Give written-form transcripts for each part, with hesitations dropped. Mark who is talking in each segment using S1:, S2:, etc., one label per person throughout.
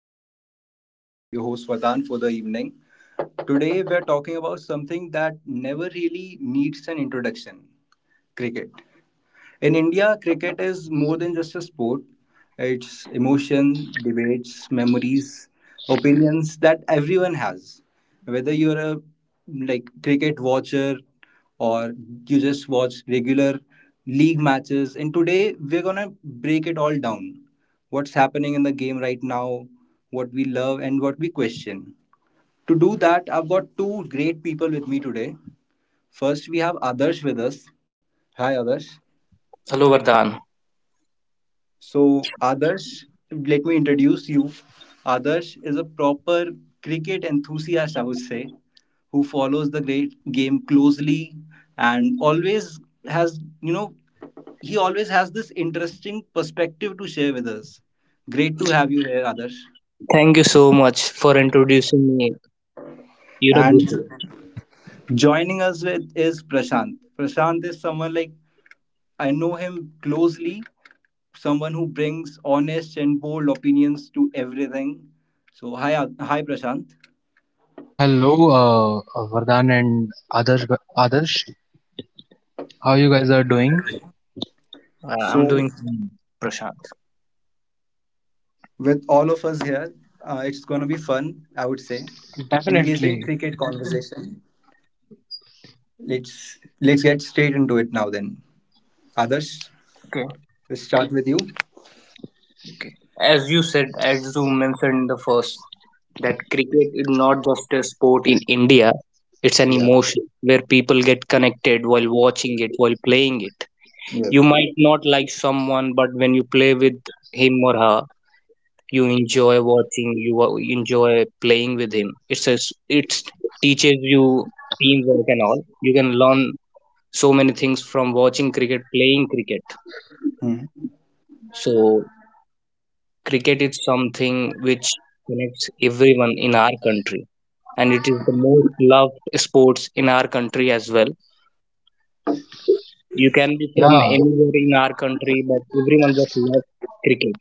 S1: To our podcast. I'm your host Vardhan for the evening. Today, we're talking about something that never really needs an introduction, cricket. In India, cricket is more than just a sport. It's emotion, debates, memories, opinions that everyone has. Whether you're a like cricket watcher or you just watch regular league matches. And today we're gonna break it all down. What's happening in the game right now, what we love and what we question. To do that, I've got two great people with me today. First, we have Adarsh with us. Hi, Adarsh.
S2: Hello, Vardhan.
S1: So, Adarsh, let me introduce you. Adarsh is a proper cricket enthusiast, I would say, who follows the great game closely and always has, you know, he always has this interesting perspective to share with us. Great to have you here, Adarsh.
S2: Thank you so much for introducing me. You know,
S1: And
S2: this way.
S1: joining us with is Prashant. Prashant is someone like I know him closely, someone who brings honest and bold opinions to everything. So hi, hi Prashant.
S3: Hello, Vardhan and Adarsh. Adarsh, how you guys are doing?
S2: I'm doing fine,
S1: So
S2: Prashant.
S1: with all of us here, it's going to be fun, I would say,
S3: Definitely.
S1: engaging cricket conversation. Let's get straight into it now. Then, Adarsh,
S2: Okay,
S1: let's start with you.
S2: okay. As you said, as you mentioned in the first, that cricket is not just a sport in India, it's an emotion where
S1: Yeah.
S2: people get connected while watching it, while playing it. You might not like
S1: Yes.
S2: someone, but when you play with him or her, you enjoy watching, you enjoy playing with him. It's a, s- it's teaches you teamwork and all. You can learn so many things from watching cricket, playing cricket.
S1: Hmm.
S2: So, cricket is something which connects everyone in our country, and it is the most loved sports in our country as well. You can be from
S3: Yeah.
S2: anywhere in our country, but everyone just loves cricket.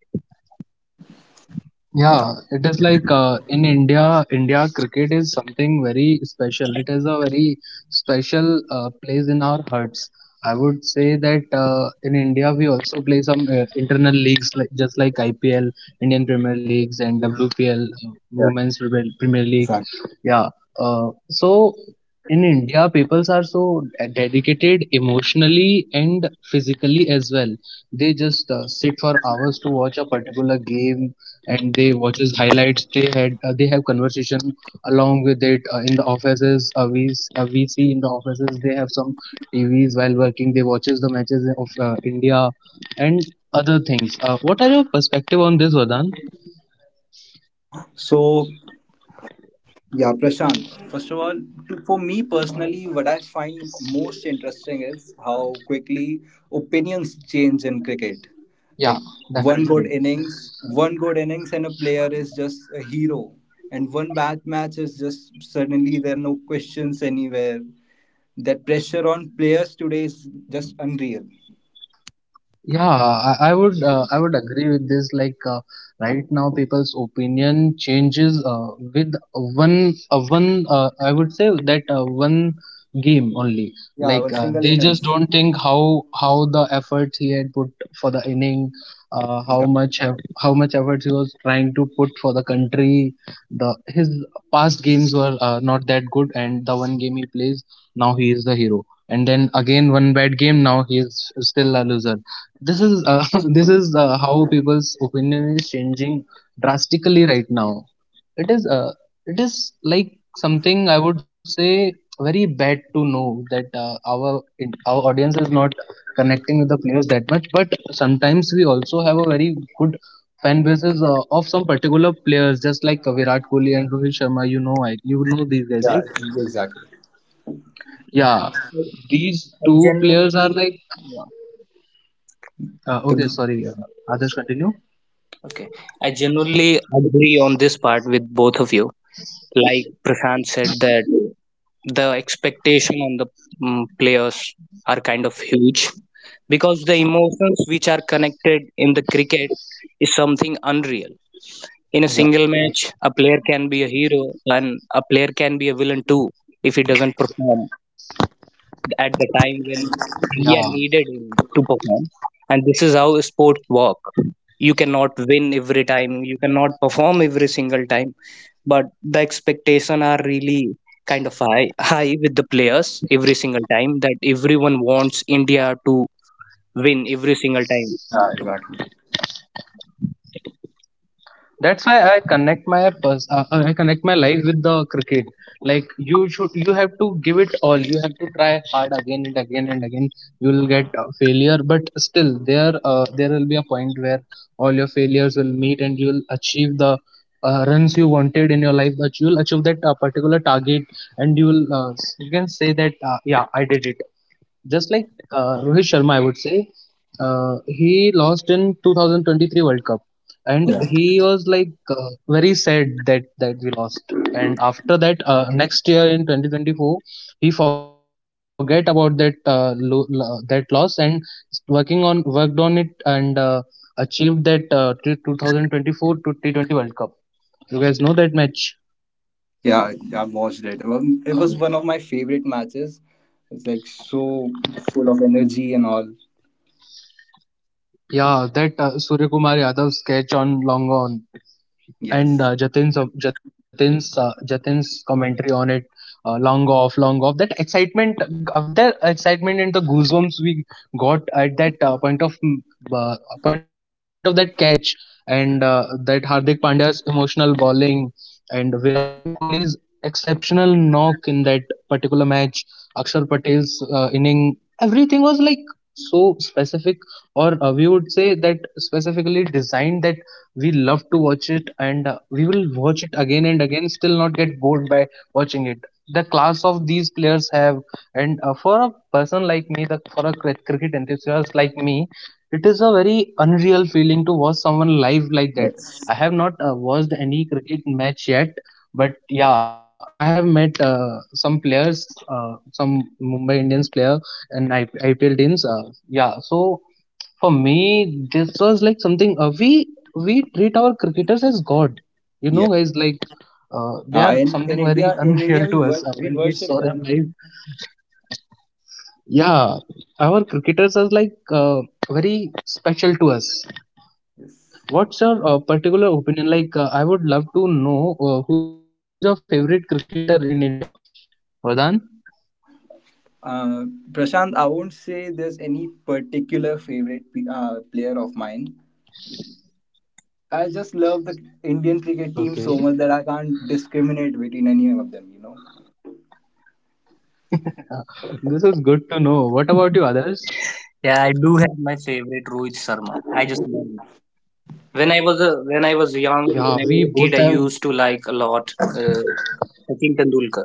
S3: Yeah, it is like in India cricket is something very special. It is a very special place in our hearts. I would say that in India we also play some internal leagues just like IPL, Indian Premier Leagues, and WPL, Women's Premier
S1: Exactly.
S3: Premier League. Yeah. So in India, peoples are so dedicated emotionally and physically as well. They just sit for hours to watch a particular game, and they watches highlights. They have conversation along with it. In the offices, we see in the offices they have some tvs. While working, they watches the matches of India and other things. What are your perspective on this, Vadan?
S1: So yeah, Prashant. First of all, for me personally, what I find most interesting is how quickly opinions change in cricket. Like
S3: Yeah. Definitely.
S1: one good innings, and a player is just a hero. And one bad match is just suddenly there are no questions anywhere. That pressure on players today is just unreal.
S3: Yeah, I would agree with this. Like right now, people's opinion changes with one. I would say that one game only. Like
S1: Yeah, one
S3: they
S1: single
S3: just don't
S1: innings.
S3: think how the effort he had put for the inning, uh, how much
S1: Yeah,
S3: eff- how much effort he was trying to put for the country. The his past games were not that good, and the one game he plays, now he is the hero. And then again, one bad game, now he is still a loser. This is this is how people's opinion is changing drastically right now. It is uh, it is like something I would say very bad to know that our audience is not connecting with the players that much. But sometimes we also have a very good fan bases of some particular players just like Virat Kohli and Rohit Sharma. You know these guys,
S1: yeah,
S3: right?
S1: exactly.
S3: Yeah.
S2: I
S3: These
S2: I
S3: two players are
S2: genuinely,
S3: like
S2: yeah,
S1: The-
S3: okay, sorry, others continue.
S2: okay. I genuinely agree on this part with both of you. Like Prashant said that the expectation on the players are kind of huge because the emotions which are connected in the cricket is something unreal. In a single match a player can be a hero and a player can be a villain too if he doesn't perform at the time when
S3: Yeah,
S2: India needed him to perform. And this is how sports work. You cannot win every time, you cannot perform every single time, but the expectation are really kind of high with the players every single time that everyone wants India to win every single
S1: yeah, exactly.
S3: that's why I connect my life with the cricket. Like, you have to give it all. You have to try hard again and again and again. You will get failure, but still there will be a point where all your failures will meet, and you will achieve the runs you wanted in your life. That you will achieve that particular target, and you can say that yeah, I did it. Just like Rohit Sharma, I would say, he lost in 2023 World Cup,
S1: Yeah.
S3: and he was like very sad that we lost. And after that, next year in 2024, he forget about that loss, and working on worked on it, and achieved that 2024 to T20 World Cup. You guys know that match?
S1: Yeah, yeah, I've watched it. It was one of my favorite matches. It's like so full of energy and all.
S3: Yeah, that Surya Kumar Yadav sketch on long on,
S1: Yes.
S3: and Jatin's of Jatin's Jatin's commentary on it, long off, long off. That excitement of the excitement and the goosebumps we got at that uh, point of that catch, and that Hardik Pandya's emotional bowling, and Virat Kohli's exceptional knock in that particular match, Akshar Patel's inning, everything was like so specific, or we would say that specifically designed, that we love to watch it, and we will watch it again and again, still not get bored by watching it. The class of these players have, and for a person like me, the cricket enthusiast like me, it is a very unreal feeling to watch someone live like that.
S1: Yes.
S3: I have not watched any cricket match yet, but yeah, I have met some players, uh, some Mumbai Indians player and IPL teams. Yeah, so for me, this was like something we treat our cricketers as God. You know,
S1: Yeah.
S3: guys, like they are something very
S1: In India,
S3: unreal
S1: we
S3: to us
S1: we
S3: when we
S1: worship
S3: saw them
S1: them.
S3: live. Yeah, our cricketers are like very special to us.
S1: Yes.
S3: What's your particular opinion? Like, I would love to know who is your favorite cricketer in India. Vadan?
S1: Uh, Prashant, I won't say there's any particular favorite player of mine. I just love the Indian cricket team
S3: Okay.
S1: so much that I can't discriminate between any of them. You know.
S3: This is good to know. What about you
S2: time.
S3: others?
S2: Yeah, I do have my favorite Rohit Sharma. I just love him. When I was a when I was young,
S3: Yeah,
S2: when I
S3: we
S2: was a
S3: both
S2: kid, I
S3: have.
S2: used to like a lot Sachin Tendulkar.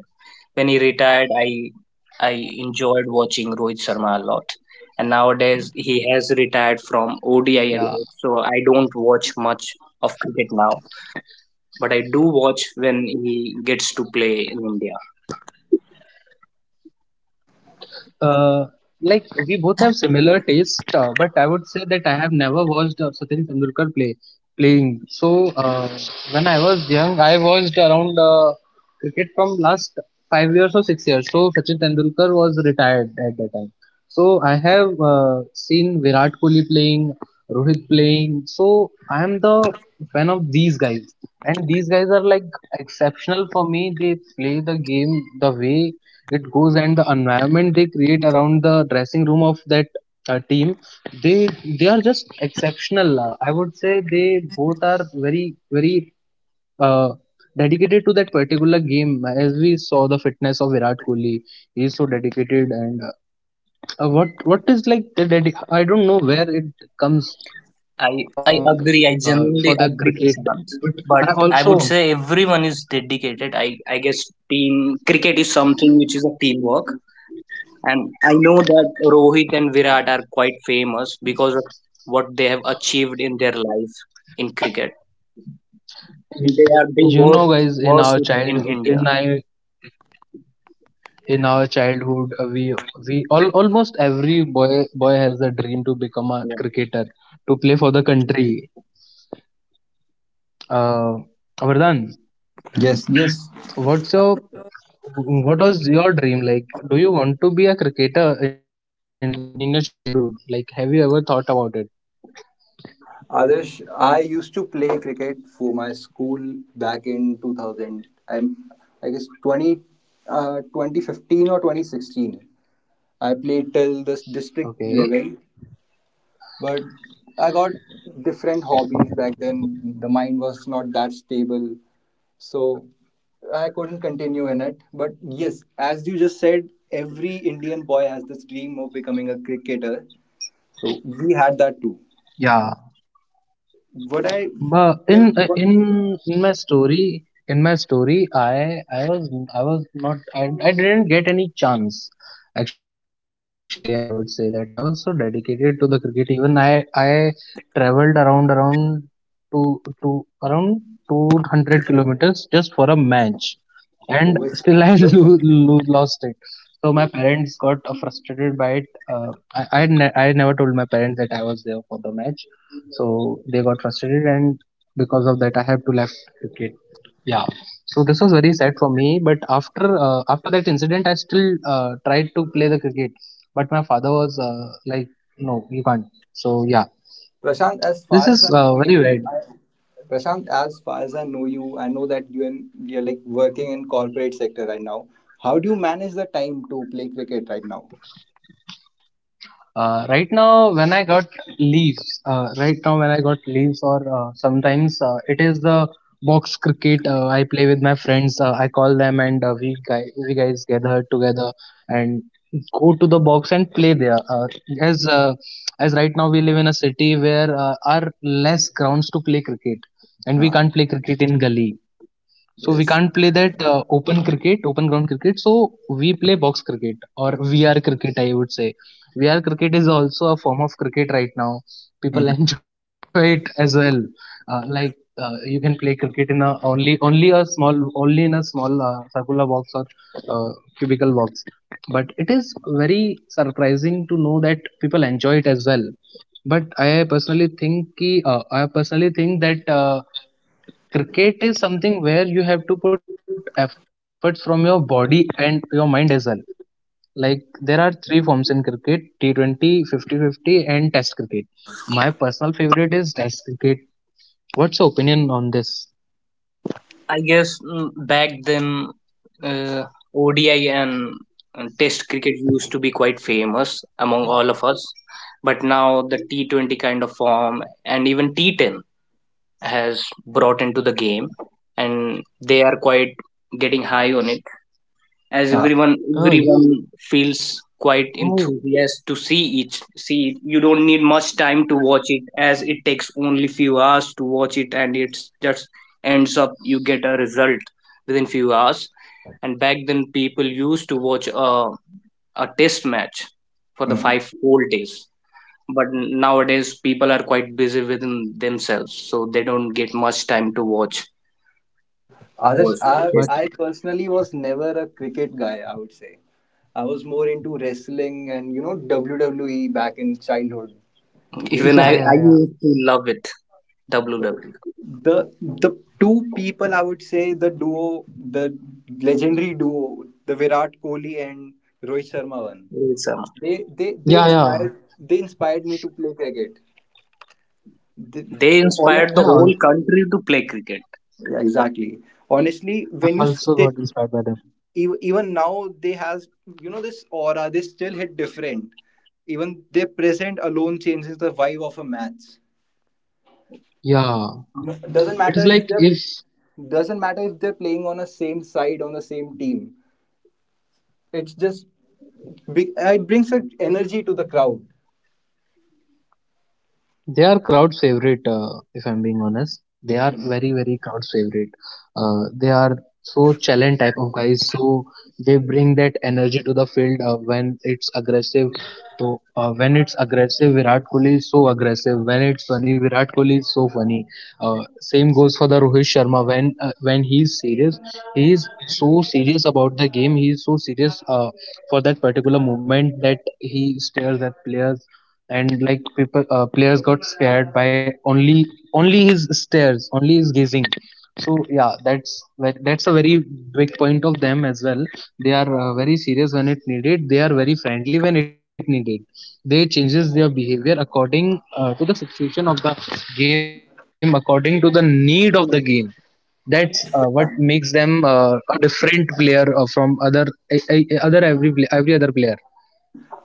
S2: When he retired, I enjoyed watching Rohit Sharma a lot. And nowadays he has retired
S3: Yeah.
S2: from ODI and all, so I don't watch much of cricket now. But I do watch when he gets to play in India.
S3: Uh, like we both have similar taste, but I would say that I have never watched Sachin Tendulkar playing. So, when I was young, I watched around cricket from last 5 years or 6 years. So Sachin Tendulkar was retired at that time. So I have seen Virat Kohli playing, Rohit playing. So I am the fan of these guys, and these guys are like exceptional for me. They play the game the way it goes, and the environment they create around the dressing room of that team, they they are just exceptional. I would say they both are very, very uh, dedicated to that particular game. As we saw, the fitness of Virat Kohli, he is so dedicated. And what is like the I don't know where it comes from
S2: I
S3: uh, for
S2: agree. I
S3: the
S2: genuinely
S3: cricket.
S2: agree,
S3: But I
S2: Prashant.
S3: also,
S2: But I would say everyone is dedicated. I guess team cricket is something which is a teamwork, and I know that Rohit and Virat are quite famous because of what they have achieved in their life in cricket. They are the
S3: you know,
S2: worst
S3: guys, in
S2: worst
S3: our
S2: in
S3: child in
S2: India.
S3: my in our childhood, we all, almost every boy has a dream to become a
S2: Yeah.
S3: cricketer, to play for the country. uh Vardhan,
S1: Yes, yes.
S3: what's your what was your dream? Like, do you want to be a cricketer in your childhood? Like, have you ever thought about it?
S1: Adarsh, I used to play cricket for my school back in 2000. I guess 2015 or 2016. I played till the district
S3: Okay.
S1: level, but I got different hobbies back then. The mind was not that stable, so I couldn't continue in it. But yes, as you just said, every Indian boy has this dream of becoming a cricketer. So we had that too.
S3: Yeah.
S1: What I
S3: But
S1: what.
S3: in my story, I was not I, I didn't get any chance. Actually, I would say that I was so dedicated to the cricket. Even I traveled around around to around 200 kilometers just for a match, and still I
S1: With, with
S3: lost it. So my parents got frustrated by it. I never told my parents that I was there for the match, so they got frustrated, and because of that, I have to left cricket. Yeah. So this was very sad for me. But after that incident, I still tried to play the cricket, but my father was like, no, you can't. So yeah,
S1: Prashant, as
S3: this
S1: far as
S3: is
S1: I know
S3: very
S1: you,
S3: bad.
S1: I, Prashant, as far as I know you, I know that you're like working in corporate sector right now. How do you manage the time to play cricket right now?
S3: Uh, right now, when I got right now, when I got leaves, or sometimes it is the box cricket, I play with my friends. I call them, and we guys gather together and go to the box and play there. As uh, as right now, we live in a city where are less grounds to play cricket,
S1: Ah,
S3: and we can't play cricket in gully,
S1: yes.
S3: so we can't play that open cricket, open ground cricket. So we play box cricket or VR cricket, I would say. VR cricket is also a form of cricket right now. People enjoy it as well. You can play cricket in a only only a small only in a small circular box, or uh, cubicle box. But it is very surprising to know that people enjoy it as well. But I personally think that cricket is something where you have to put efforts from your body and your mind as well. Like, there are three forms in cricket: T20, Fifty, and test cricket. My personal favorite is test cricket. What's your opinion on this?
S2: I guess back then uh, ODI and Test cricket used to be quite famous among all of us, but now the T20 kind of form and even T10 has brought into the game, and they are quite getting high on it as
S1: Ah.
S2: everyone
S3: Oh,
S2: everyone
S3: yeah.
S2: feels quite
S3: Oh,
S2: enthusiastic to see it. You don't need much time to watch it as it takes only few hours to watch it and it's just ends up you get a result within few hours. And back then people used to watch a test match for the
S1: Mm.
S2: five whole days, but nowadays people are quite busy within themselves so they don't get much time to watch
S1: Adarsh,
S2: was test.
S1: I
S3: but
S1: personally was never a cricket guy, I would say. I was more into wrestling and, you know, WWE back in childhood. We used
S2: even I,
S1: to
S2: I
S3: yeah,
S2: used
S3: yeah,
S2: to
S3: yeah,
S2: love it, WWE.
S1: the two people I would say, the duo, the legendary duo, the Virat Kohli and Rohit Sharma one.
S2: Yes,
S3: yeah, yeah,
S1: They inspired me to play cricket. The,
S2: they
S1: honest,
S2: inspired the whole
S3: i al-
S2: country to play cricket.
S1: yeah, exactly. Honestly,
S3: I also got inspired by them.
S1: ev- even now they has, you know, this aura. They still hit different. Even their present alone changes the vibe of a match.
S3: Yeah.
S1: Doesn't matter if
S3: it
S1: they're
S3: is like if
S1: doesn't matter if they're playing on the same side on the same team. It's just it brings a energy to the crowd.
S3: They are crowd favorite, if I'm being honest.
S1: Hmm.
S3: They are very, very crowd favorite. They are so challenge type of guys, so they bring that energy to the field when it's aggressive. So, when it's aggressive, Virat Kohli is so aggressive. When it's funny, Virat Kohli is so funny. Same goes for the Rohit Sharma. When he's serious, he is so serious about the game. He is so serious for that particular moment, that he stares at players, and players got scared by only his stares, only his gazing. So yeah, that's a very big point of them as well. They are very serious when it needed. They are very friendly when it needed. They changes their behavior according to the situation of the game, according to the need of the game. That's what makes them a different player from other, a, a, other, every other player.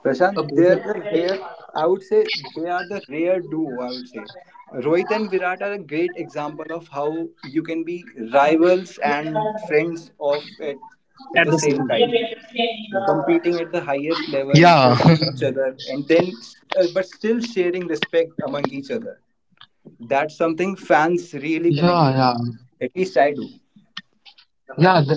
S1: Prashant,
S2: Okay, so
S1: they're the
S2: uh,
S1: rare. I would say they are the rare duo. I would say Rohit and Virat are a great example of how you can be rivals and friends of at
S2: at
S1: the
S2: the
S1: same
S2: same time.
S1: time,
S2: Mm.
S1: competing at the highest level,
S3: Yeah.
S1: pushing each other, and then but still sharing respect among each other. That's something fans really
S3: Yeah,
S1: connect
S3: yeah.
S1: with. At least I do.
S3: Yeah,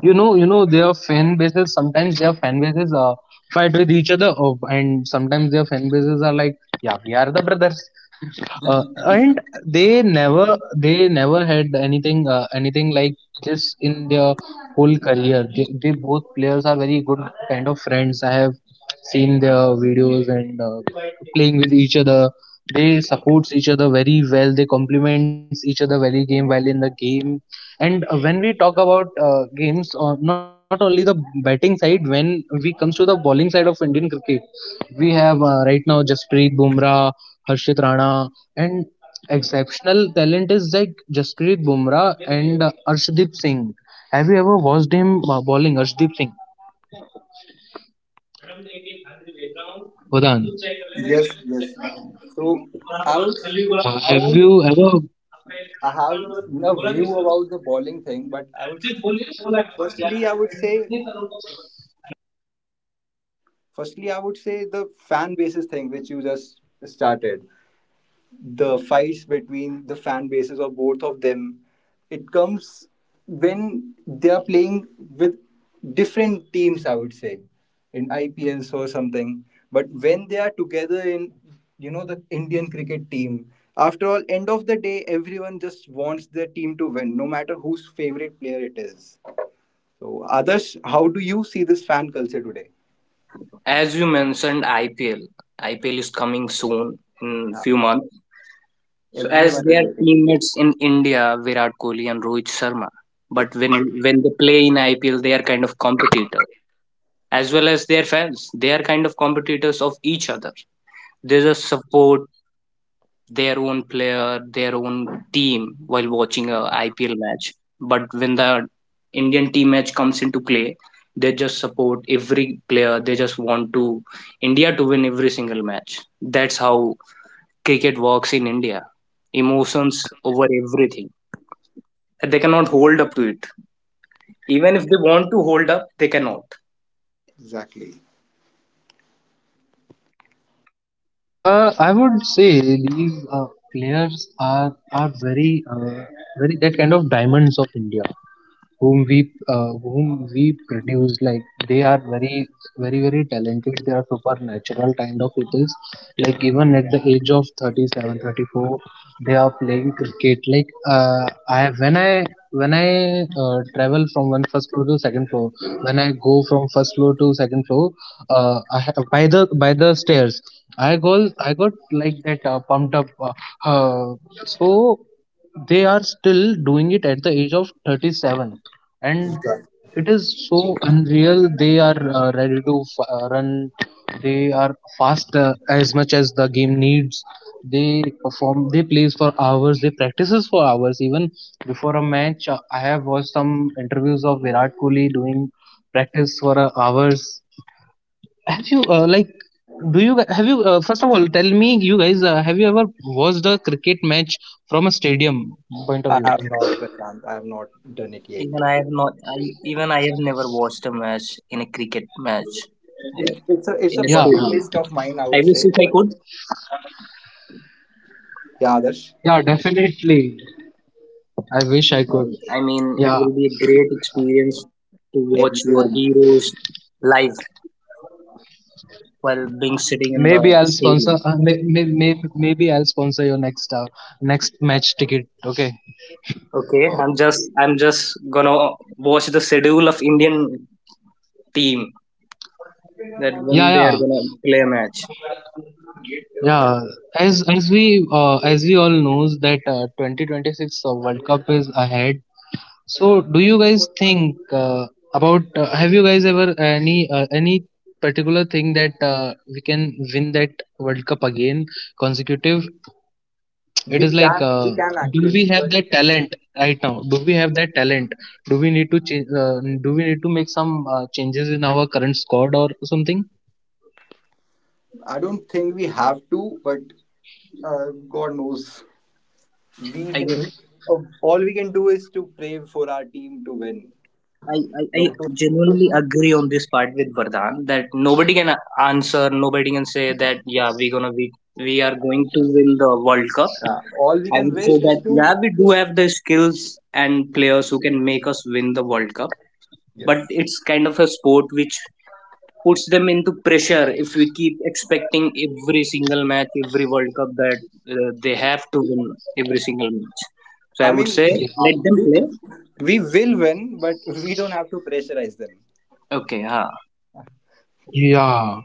S3: their fan bases, sometimes their fan bases fight with each other. Oh, and sometimes their fan bases are like, yeah, we are the brothers. And they never had anything anything like this in their whole career. They both players are very good kind of friends. I have seen their videos and playing with each other. They supports each other very well. They complements each other very game well in the game. And when we talk about games, not only the batting side, when we comes to the bowling side of Indian cricket, we have right now Jasprit Bumrah, Harshit Rana, and exceptional talent is like Jasprit Bumrah and Arshdeep Singh. Have you ever watched him bowling, Arshdeep Singh, Vadan?
S1: Yes, yes. So I would,
S3: Have
S1: I would,
S3: you ever
S1: I have a view about the bowling thing, but I would, firstly, I would say, firstly, I would say the fan basis thing which you just started. The fights between the fan bases of both of them, it comes when they are playing with different teams, I would say, in IPLs or something. But when they are together in, you know, the Indian cricket team, after all end of the day, everyone just wants their team to win no matter whose favorite player it is. So others, how do you see
S2: Yeah.
S1: this fan culture today?
S2: As you mentioned, IPL. IPL is coming soon in few months. So as
S1: Everyone is
S2: their
S1: waiting.
S2: teammates in India, Virat Kohli and Rohit Sharma. But when they play in IPL, they are kind of competitors as well as their fans. They are kind of competitors of each other. They just support their own player, their own team while watching a IPL match. But when the Indian team match comes into play, they just support every player. They just want to India to win every single match. That's how cricket works in India. Emotions over everything. They cannot hold up to it. Even if they want to hold up, they cannot.
S3: I would say these players are very very that kind of diamonds of India, whom we whom we produce. Like, they are very very very talented. They are supernatural kind of. It is like, even at the age of 37, 34, they are playing cricket. Like, uh, I when I when I travel from one first floor to second floor. When I go from first floor to second floor by the stairs. I got like that pumped up. Uh, so they are still doing it at the age of 37, and it is so unreal. They are ready to run. They are fast as much as the game needs. They perform, they plays for hours, they practices for hours. Even before a match, I have watched some interviews of Virat Kohli doing practice for hours. Have you First of all, tell me, you guys, have you ever watched a cricket match from a stadium point
S1: I
S3: of view?
S1: have not, Prashant, I have not done it yet.
S2: Even I have not. I have never watched a match in a cricket match. Uh,
S1: It, it's a, it's a
S2: in a
S3: Yeah,
S1: bucket
S2: stadium.
S1: list of mine, I
S2: I
S1: would
S2: wish
S1: say.
S2: if I
S1: But
S2: could.
S1: yeah, others,
S3: yeah, definitely. I wish I
S2: Uh,
S3: could.
S2: I mean, it will
S3: Yeah,
S2: be a great experience to watch your
S1: everyone does it.
S2: heroes live while being sitting
S3: maybe
S2: in
S3: I'll
S2: the
S3: sponsor may,
S2: stadium.
S3: may, may, maybe I'll sponsor your next next match ticket, okay?
S2: Okay, I'm just gonna watch the schedule of Indian team that
S3: Yeah,
S2: when they are
S3: yeah.
S2: gonna play a match.
S3: Yeah, as as we as we all knows that 2026 World Cup is ahead. So, do you guys think about? Have you guys ever any particular thing that we can win that World Cup again consecutive?
S1: We
S3: It is like,
S1: can we can
S3: do
S1: actually,
S3: we have
S1: but
S3: that talent right now? Do we have that talent? Do we need to change? Do we need to make some changes in our current squad or something?
S1: I don't think we have to. But God knows, we,
S2: I guess
S1: we all we can do is to pray for our team to win.
S2: I, I,
S1: No,
S2: I
S1: to
S2: genuinely agree on this part with Vardhan that nobody can answer, nobody can say that yeah we're gonna be we are going to win the World Cup.
S1: all we
S2: I
S1: can
S2: would say
S1: wish is
S2: that
S1: to.
S2: yeah, we do have the skills and players who can make us win the World Cup, but
S1: Yes,
S2: it's kind of a sport which puts them into pressure if we keep expecting every single match, every World Cup that they have to win every single match. So
S1: I
S2: I would
S1: mean
S2: say
S3: Yeah,
S2: let them
S1: we
S2: play.
S1: we will win, but we don't have to pressurize them.
S2: Okay, huh,
S3: yeah.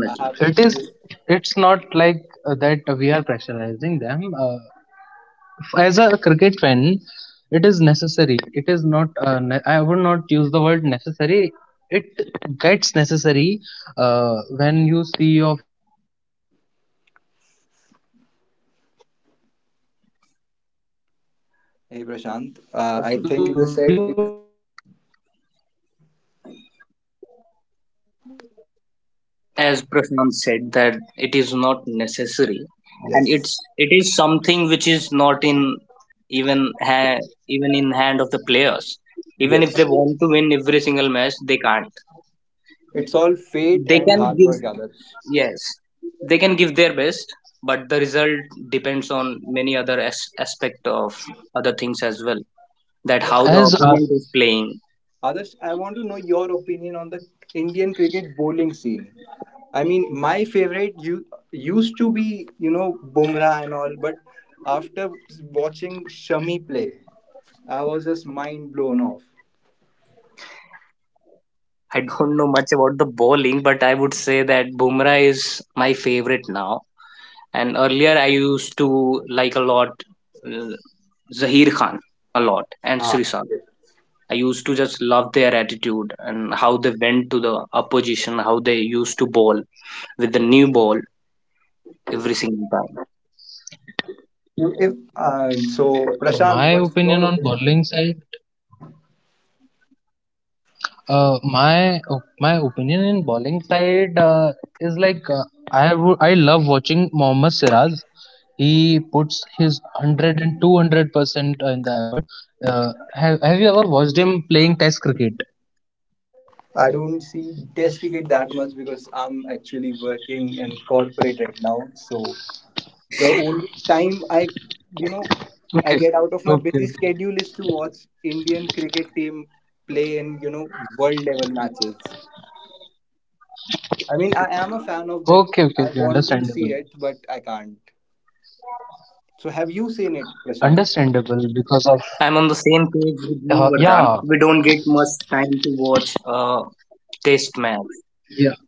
S1: I have
S3: It is.
S1: this.
S3: It's not like that we are pressurizing them. As a cricket fan, it is necessary, it is not, I would not use the word necessary. It gets necessary when you see your favorite player walking to the ground for the batting. You would love him watching,
S1: Hey Prashant,
S3: you would
S1: I
S2: Okay.
S3: love
S1: think you
S3: watching
S1: just
S3: him.
S1: said it.
S2: As Prashant said that it is not necessary and
S1: Yes.
S2: it is something which is not in even ha- even in hand of the players. Even if
S1: Yes,
S2: they want to win every single match they can't.
S1: it's all fate
S2: They
S1: and
S2: can
S1: hard
S2: give,
S1: work, Adarsh.
S2: yes, they can give their best, but the result depends on many other aspect of other things as well, that
S1: So,
S2: how the
S1: Adarsh,
S2: opponent is playing.
S3: As
S1: Adarsh, I want to know your opinion on the Indian cricket bowling scene. I mean, my favorite you used to be, you know, Bumrah and all, but after watching Shami play, I was just mind blown off.
S2: I don't know much about the bowling but I would say that Bumrah is my favorite now. And earlier, I used to like a lot uh, Zahir Khan a lot and Srisal. I used to just love their attitude and how they went to the opposition, how they used to bowl with the new ball every single time.
S1: If, so, Prashant,
S3: My
S1: what's
S3: opinion
S1: your
S3: on
S1: opinion?
S3: bowling side. My opinion in bowling side is like, I love watching Mohammad Siraj. He puts his hundred and two hundred percent in the effort. Have you ever watched him playing Test cricket?
S1: I don't see test cricket that much because I'm actually working in corporate right now. So the only time you know,
S3: Okay,
S1: I get out of my
S3: okay, okay,
S1: busy schedule is to watch Indian cricket team play in, you know, world level matches. I mean, I am a fan of them.
S3: okay, okay.
S1: I
S3: Okay,
S1: want to
S3: understandable,
S1: see it, but I can't. So, have you seen it, Prashant?
S3: understandable because of
S2: I'm on the same page with you, Vardhan.
S3: yeah,
S2: We don't get much time to watch a test match.
S3: yeah.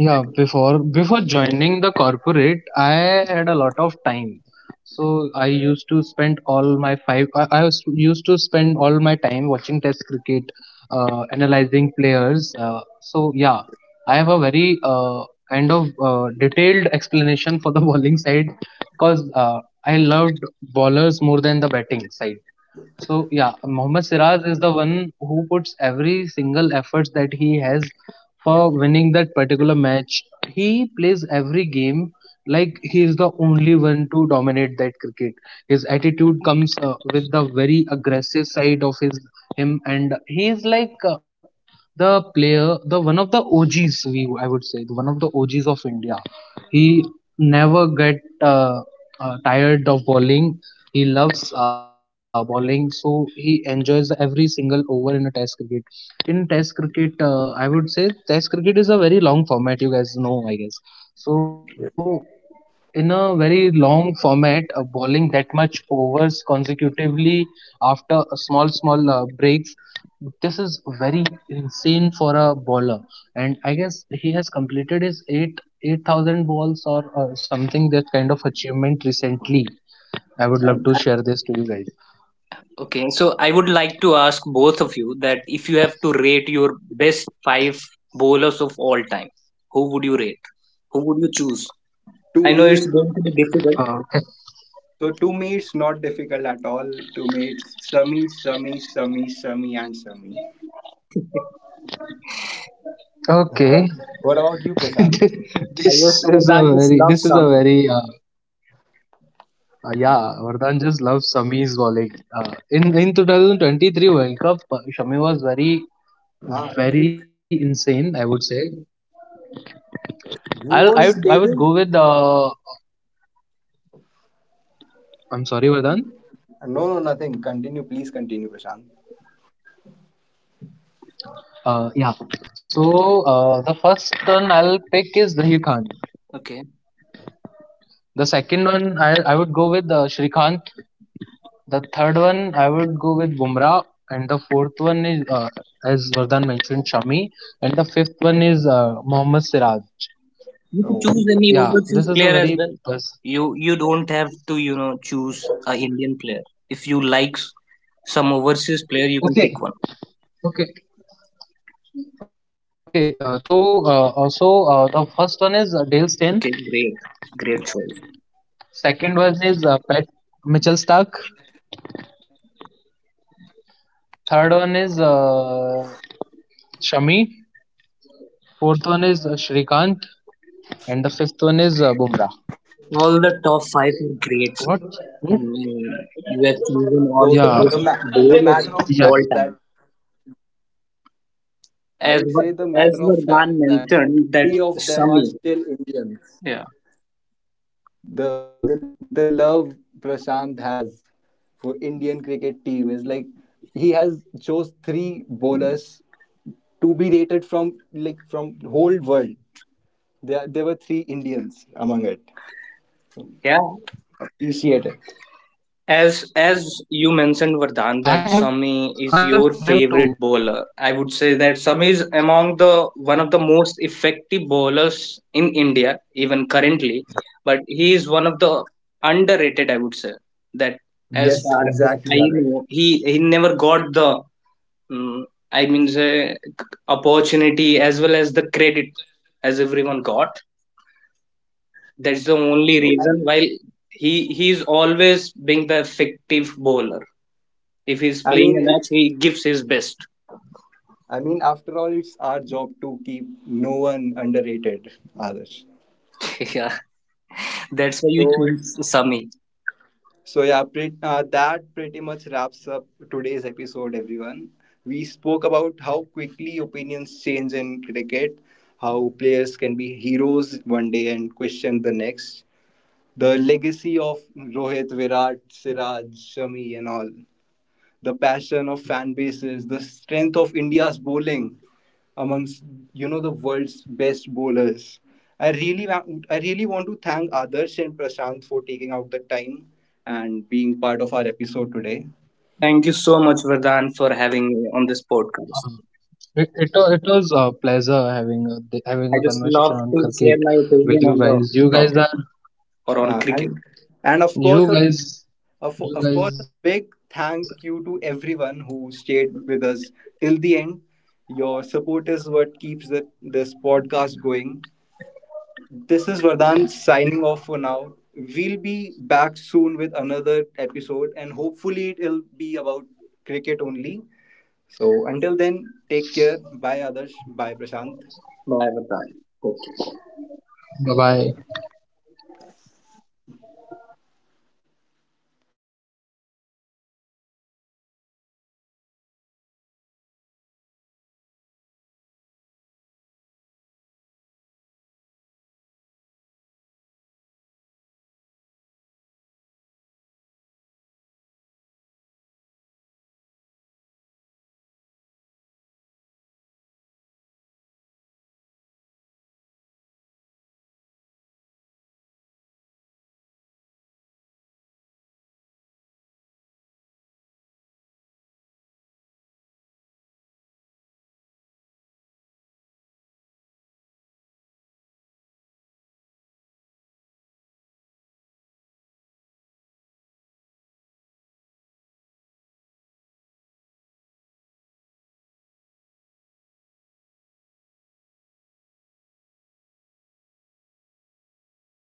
S3: Yeah, before joining the corporate, I had a lot of time. So I used to spend all my five. I was used to spend all my time watching Test cricket, analyzing players. So yeah, I have a very kind of detailed explanation for the bowling side, because I loved bowlers more than the batting side. So yeah, Mohammad Siraj is the one who puts every single effort that he has for winning that particular match. He plays every game like he is the only one to dominate that cricket. His attitude comes with the very aggressive side of his him, and he is like, the player, the one of the OGs, we I would say, the one of the OGs of India. He never get tired of bowling. He loves bowling, so he enjoys every single over in a Test cricket. In Test cricket, I would say Test cricket is a very long format. You guys know, I guess. So in a very long format, bowling that much overs consecutively after a small, small breaks, this is very insane for a bowler. And I guess he has completed his eight thousand balls or something that kind of achievement recently. I would love
S1: And
S3: to share this to you guys.
S2: Okay, so I would like to ask both of you that if you have to rate your best five bowlers of all time, who would you rate? Who would you choose?
S1: to
S2: I know it's
S1: me,
S2: going to be difficult.
S3: Okay,
S1: so to me, it's not difficult at all. To me, it's Sami, Sami, Sami, Sami, and Sami. What
S3: okay.
S1: what about you, Prashant?
S2: However,
S3: this
S2: Vardhan
S3: is a
S2: just loves
S3: very this is
S2: Sami.
S3: a very Yeah, Vardhan just loves Shami's bowling. In 2023 World Cup, Shami was very
S1: You,
S3: very insane, I would say.
S1: he was
S3: I would
S1: taking.
S3: go with. I'm sorry, Vardhan.
S1: No, no, nothing. Continue, please continue, Prashant.
S3: Yeah. So, the first one I'll pick is Zahir Khan.
S2: Okay.
S3: The second one I would go with Shrikant. The third one I would go with Bumrah, and the fourth one is, as Vardhan mentioned, Shami, and the fifth one is Mohammad Siraj.
S2: You could
S1: Oh.
S2: choose any overseas
S3: Yeah,
S2: player
S3: this
S2: as
S3: is a
S2: well.
S3: very
S2: You
S3: bus.
S2: you don't have to, you know, choose a Indian player. If you like some overseas player, you can pick one.
S3: Okay, okay, okay. So, also, the first one is Dale Steyn.
S2: Okay, great. Great choice.
S3: Second one is Pat Mitchell Stark. Third one is Shami. Fourth one is Shrikant, and the fifth one is Bumrah.
S2: All the top five are great.
S3: What?
S2: I
S1: So
S3: What?
S2: mean, you
S1: the
S2: have
S1: matter
S2: chosen
S1: of
S2: all
S1: fact
S2: the
S1: that
S2: best
S3: Yeah,
S2: bowlers of all
S3: yeah.
S2: time.
S1: I would say, the matter of fact that
S2: As Var-
S1: three of
S2: as
S1: them are
S2: Vardhan
S1: still
S2: mentioned that
S1: Indians.
S2: Sami. Yeah.
S1: For Indian cricket team is like he has chose three bowlers to be rated from like from whole world. There were three Indians among it.
S2: Yeah.
S1: Appreciate it.
S2: As you mentioned,
S3: I
S2: Vardhan,
S3: have
S2: that
S3: to.
S2: Sami
S3: I
S2: is
S3: have
S2: your
S3: to.
S2: favorite bowler. I would say that Sami is among the one of the most effective bowlers in India, even currently. But he is one of the underrated, I would say. That
S1: Yes,
S2: as far as
S1: exactly,
S2: I
S1: Alex.
S2: know, he never got the mm I mean say, opportunity as well as the credit as everyone got. That's the
S1: So
S2: only
S1: I,
S2: reason why he is always being the effective bowler. If he's
S1: I mean
S2: playing a
S1: it's,
S2: match, he gives his best.
S1: I mean after all it's our job to keep no one underrated, Adarsh.
S2: yeah, that's why you
S1: So
S2: choose Sami.
S1: so yeah,
S3: Yeah.
S1: that pretty
S3: So
S1: much wraps
S3: so.
S1: up today's episode, everyone. We spoke about how quickly opinions change in cricket, how players can be heroes one day and questioned the next, the legacy of Rohit, Virat, Siraj, Shami, and all the passion of fan bases, the strength of India's bowling amongst, you know, the world's best bowlers. I really want to thank Adarsh and Prashant for taking out the time and being part of our episode today.
S2: Thank you so much, Vardhan, for having me on this podcast.
S3: uh, it was a pleasure having
S2: I just
S3: having
S2: love
S3: a
S2: to share
S3: conversation
S2: my
S3: on cricket
S2: opinion on the
S3: with you
S2: topic
S3: guys. You guys are,
S2: or on
S1: Uh,
S2: cricket.
S1: and and of course
S3: you
S1: of,
S3: guys
S1: of course a
S3: you
S1: big
S3: guys
S1: thank you to everyone who stayed with us till the end. Your support is what keeps this podcast going. This is Vardhan signing off for now. We'll be back soon with another episode, and hopefully, it'll be about cricket only. So, until then, take care. Bye, Adarsh. Bye, Prashant.
S2: Bye, Vardhan. Okay.
S3: bye bye.